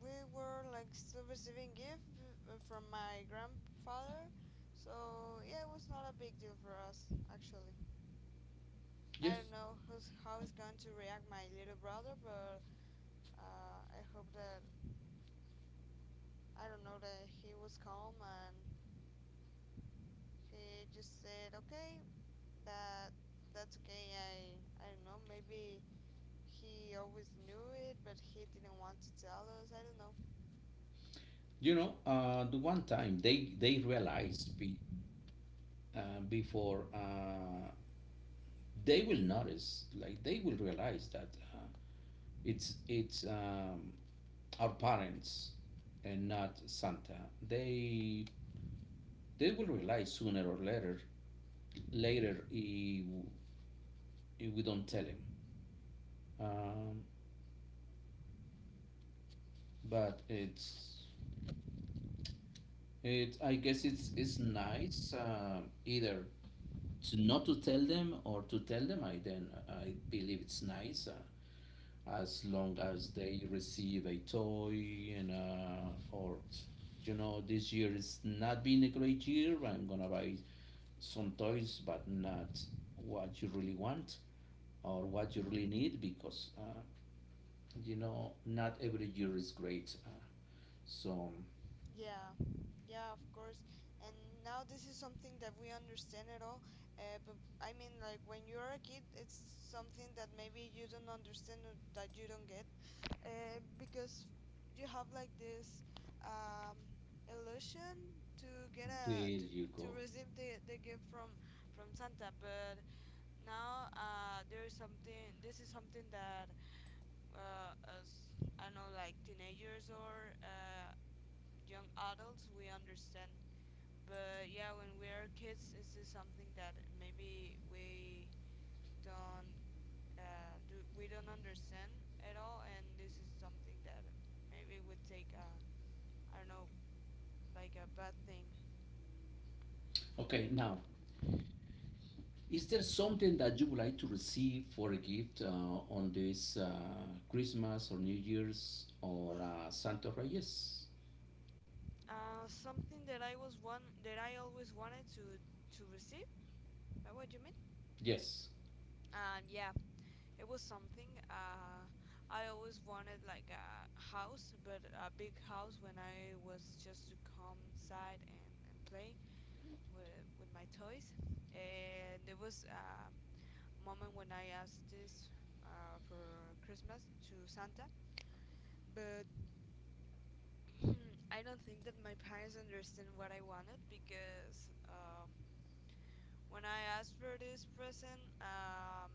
Speaker 2: we were like still receiving gift from my grandfather, so yeah, it was not a big deal for us actually. I
Speaker 1: Yes.
Speaker 2: don't know who's how is going to react my little brother, but I hope that I don't know that he was calm and he just said okay that that's okay. I don't know, maybe he always knew it, but he didn't want to tell us. I don't know.
Speaker 1: You know, the one time they realized before they will notice, like they will realize that uh, it's our parents and not Santa. They they will realize sooner or later. Later, if we don't tell him, um, but it's it. I guess it's nice either to not to tell them or to tell them I then I believe it's nice as long as they receive a toy and or you know this year is not been a great year I'm gonna buy some toys but not what you really want or what you really need because you know not every year is great so
Speaker 2: Yeah, yeah, of course. And now this is something that we understand at all. But I mean, like when you're a kid, it's something that maybe you don't understand or that you don't get, because you have like this um, illusion to get a
Speaker 1: there you
Speaker 2: to
Speaker 1: go.
Speaker 2: receive the gift from Santa. But now there is something. This is something that as I don't know, like teenagers or young adults we understand, but yeah, when we are kids this is something that maybe we don't do we don't understand at all, and this is something that maybe would take a I don't know like a bad thing.
Speaker 1: Okay, now, is there something that you would like to receive for a gift on this Christmas or New Year's or Santa Reyes?
Speaker 2: Something that I was one that I always wanted to receive. Is that what you mean?
Speaker 1: Yes. Yes.
Speaker 2: Yeah, it was something. I always wanted like a house, but a big house when I was just to come inside and play with my toys. And there was a moment when I asked this for Christmas to Santa, but I don't think that my parents understand what I wanted because when I asked for this present,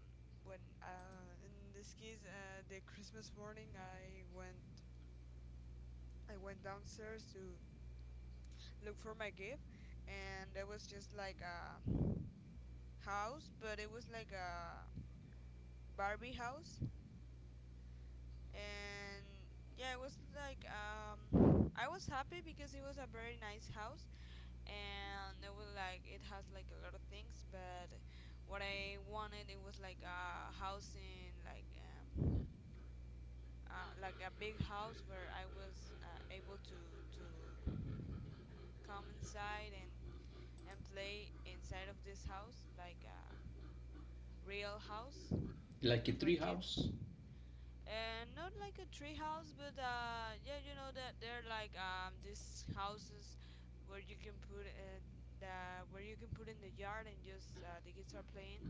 Speaker 2: when in this case, the Christmas morning, I went downstairs to look for my gift, and there was just like a house, but it was like a Barbie house, and yeah, it was like I was happy because it was a very nice house, and it was like it has like a lot of things, but what I wanted it was like a house in like a big house where I was able to come inside and play inside of this house, like a real house
Speaker 1: Like a
Speaker 2: for
Speaker 1: tree
Speaker 2: kids,
Speaker 1: house?
Speaker 2: and not like a tree house, but yeah, you know that they're like these houses where you can put the where you can put in the yard and just the kids are playing.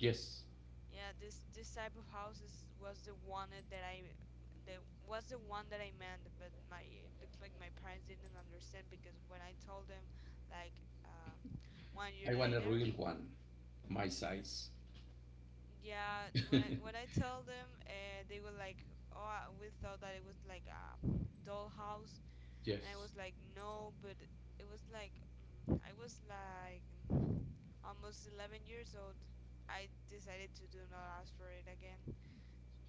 Speaker 1: Yes.
Speaker 2: Yeah, this type of houses was the one that I that was the one that I meant, but my looks like my parents didn't understand because when I told them like one year
Speaker 1: I want a
Speaker 2: later,
Speaker 1: real one, my size.
Speaker 2: yeah when i when i tell them they were like oh we thought that it was like a dollhouse and I
Speaker 1: Yes.
Speaker 2: was like no, but it was like I was like almost 11 years old. I decided to do not ask for it again,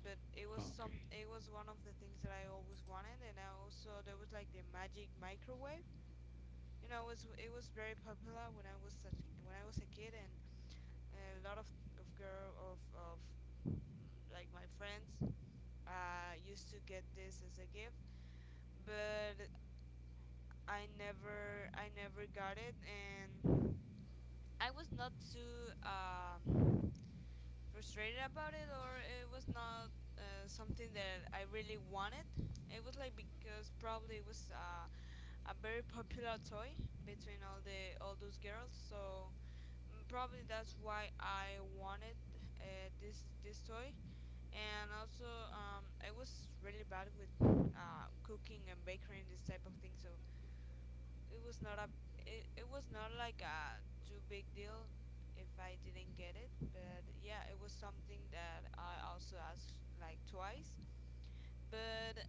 Speaker 2: but it was
Speaker 1: Okay.
Speaker 2: some it was one of the things that I always wanted. And I also there was like the magic microwave, you know, it was very popular when when I was a kid, and a lot of girl of like my friends used to get this as a gift, but I never got it, and I was not too frustrated about it, or it was not something that I really wanted. It was like because probably it was a very popular toy between all those girls, so probably that's why I wanted this toy. And also I was really bad with cooking and baking and this type of thing, so it was not a it was not like a too big deal if I didn't get it, but yeah, it was something that I also asked like twice, but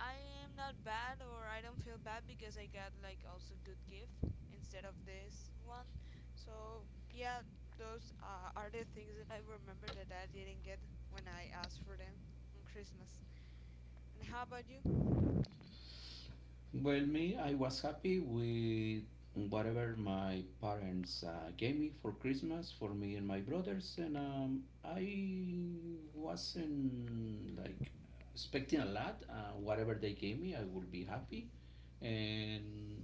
Speaker 2: I am not bad or I don't feel bad because I got like also good gift instead of this one, so yeah, those are the things that I remember that I didn't get when I asked for them on Christmas. And how about you?
Speaker 1: Well, me, I was happy with whatever my parents gave me for Christmas for me and my brothers, and I wasn't like expecting a lot. Whatever they gave me, I would be happy, and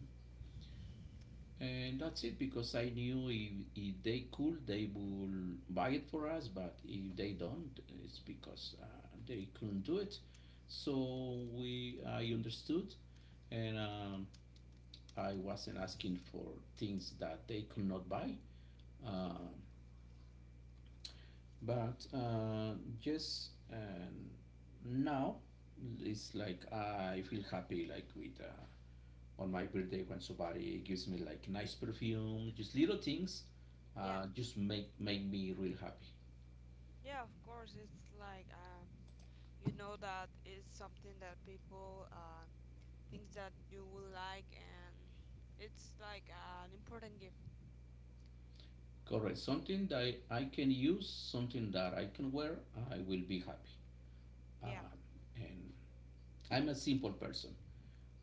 Speaker 1: and that's it because I knew if they could, they will buy it for us, but if they don't, it's because they couldn't do it. So I understood, and I wasn't asking for things that they could not buy. Uh,
Speaker 2: Hmm.
Speaker 1: but just Now, it's like I feel happy, like with on my birthday when somebody gives me like nice perfume, just little things,
Speaker 2: Yeah,
Speaker 1: just make me real happy.
Speaker 2: yeah, of course. It's like you know that it's something that people things that you will like, and it's like an important gift.
Speaker 1: Correct. Something that I can use, something that I can wear, I will be happy.
Speaker 2: Yeah.
Speaker 1: Um, and I'm a simple person.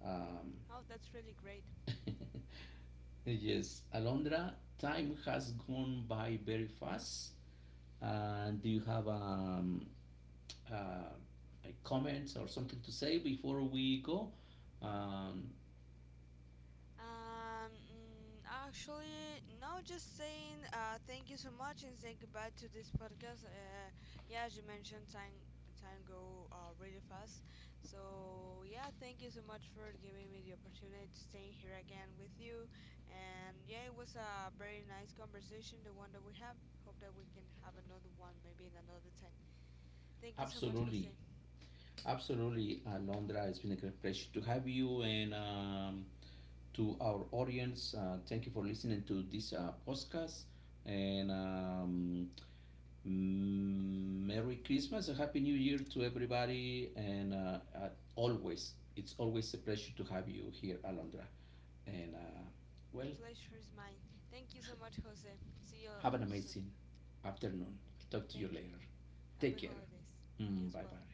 Speaker 1: Um,
Speaker 2: Oh, that's really great.
Speaker 1: Yes, Alondra, time has gone by very fast. And do you have uh, like comments or something to say before we go? Um,
Speaker 2: Um, mm, Actually, no, just saying thank you so much and say goodbye to this podcast. Yeah, as you mentioned, time go really fast. So yeah, thank you so much for giving me the opportunity to stay here again with you. And yeah, it was a very nice conversation, the one that we have. Hope that we can have another one maybe in another time. Thank you so much,
Speaker 1: Absolutely,
Speaker 2: Jose.
Speaker 1: absolutely, Alondra. It's been a great pleasure to have you and to our audience. Thank you for listening to this podcast. And um, Merry Christmas, a Happy New Year to everybody, and always, it's always a pleasure to have you here, Alondra. And uh,
Speaker 2: The
Speaker 1: well,
Speaker 2: pleasure is mine. Thank you so much, Jose. See you
Speaker 1: have an
Speaker 2: soon.
Speaker 1: amazing afternoon. I'll talk to you
Speaker 2: Thank you.
Speaker 1: later. Take
Speaker 2: Happy
Speaker 1: care.
Speaker 2: holidays. You
Speaker 1: Mm,
Speaker 2: as
Speaker 1: bye
Speaker 2: well.
Speaker 1: bye.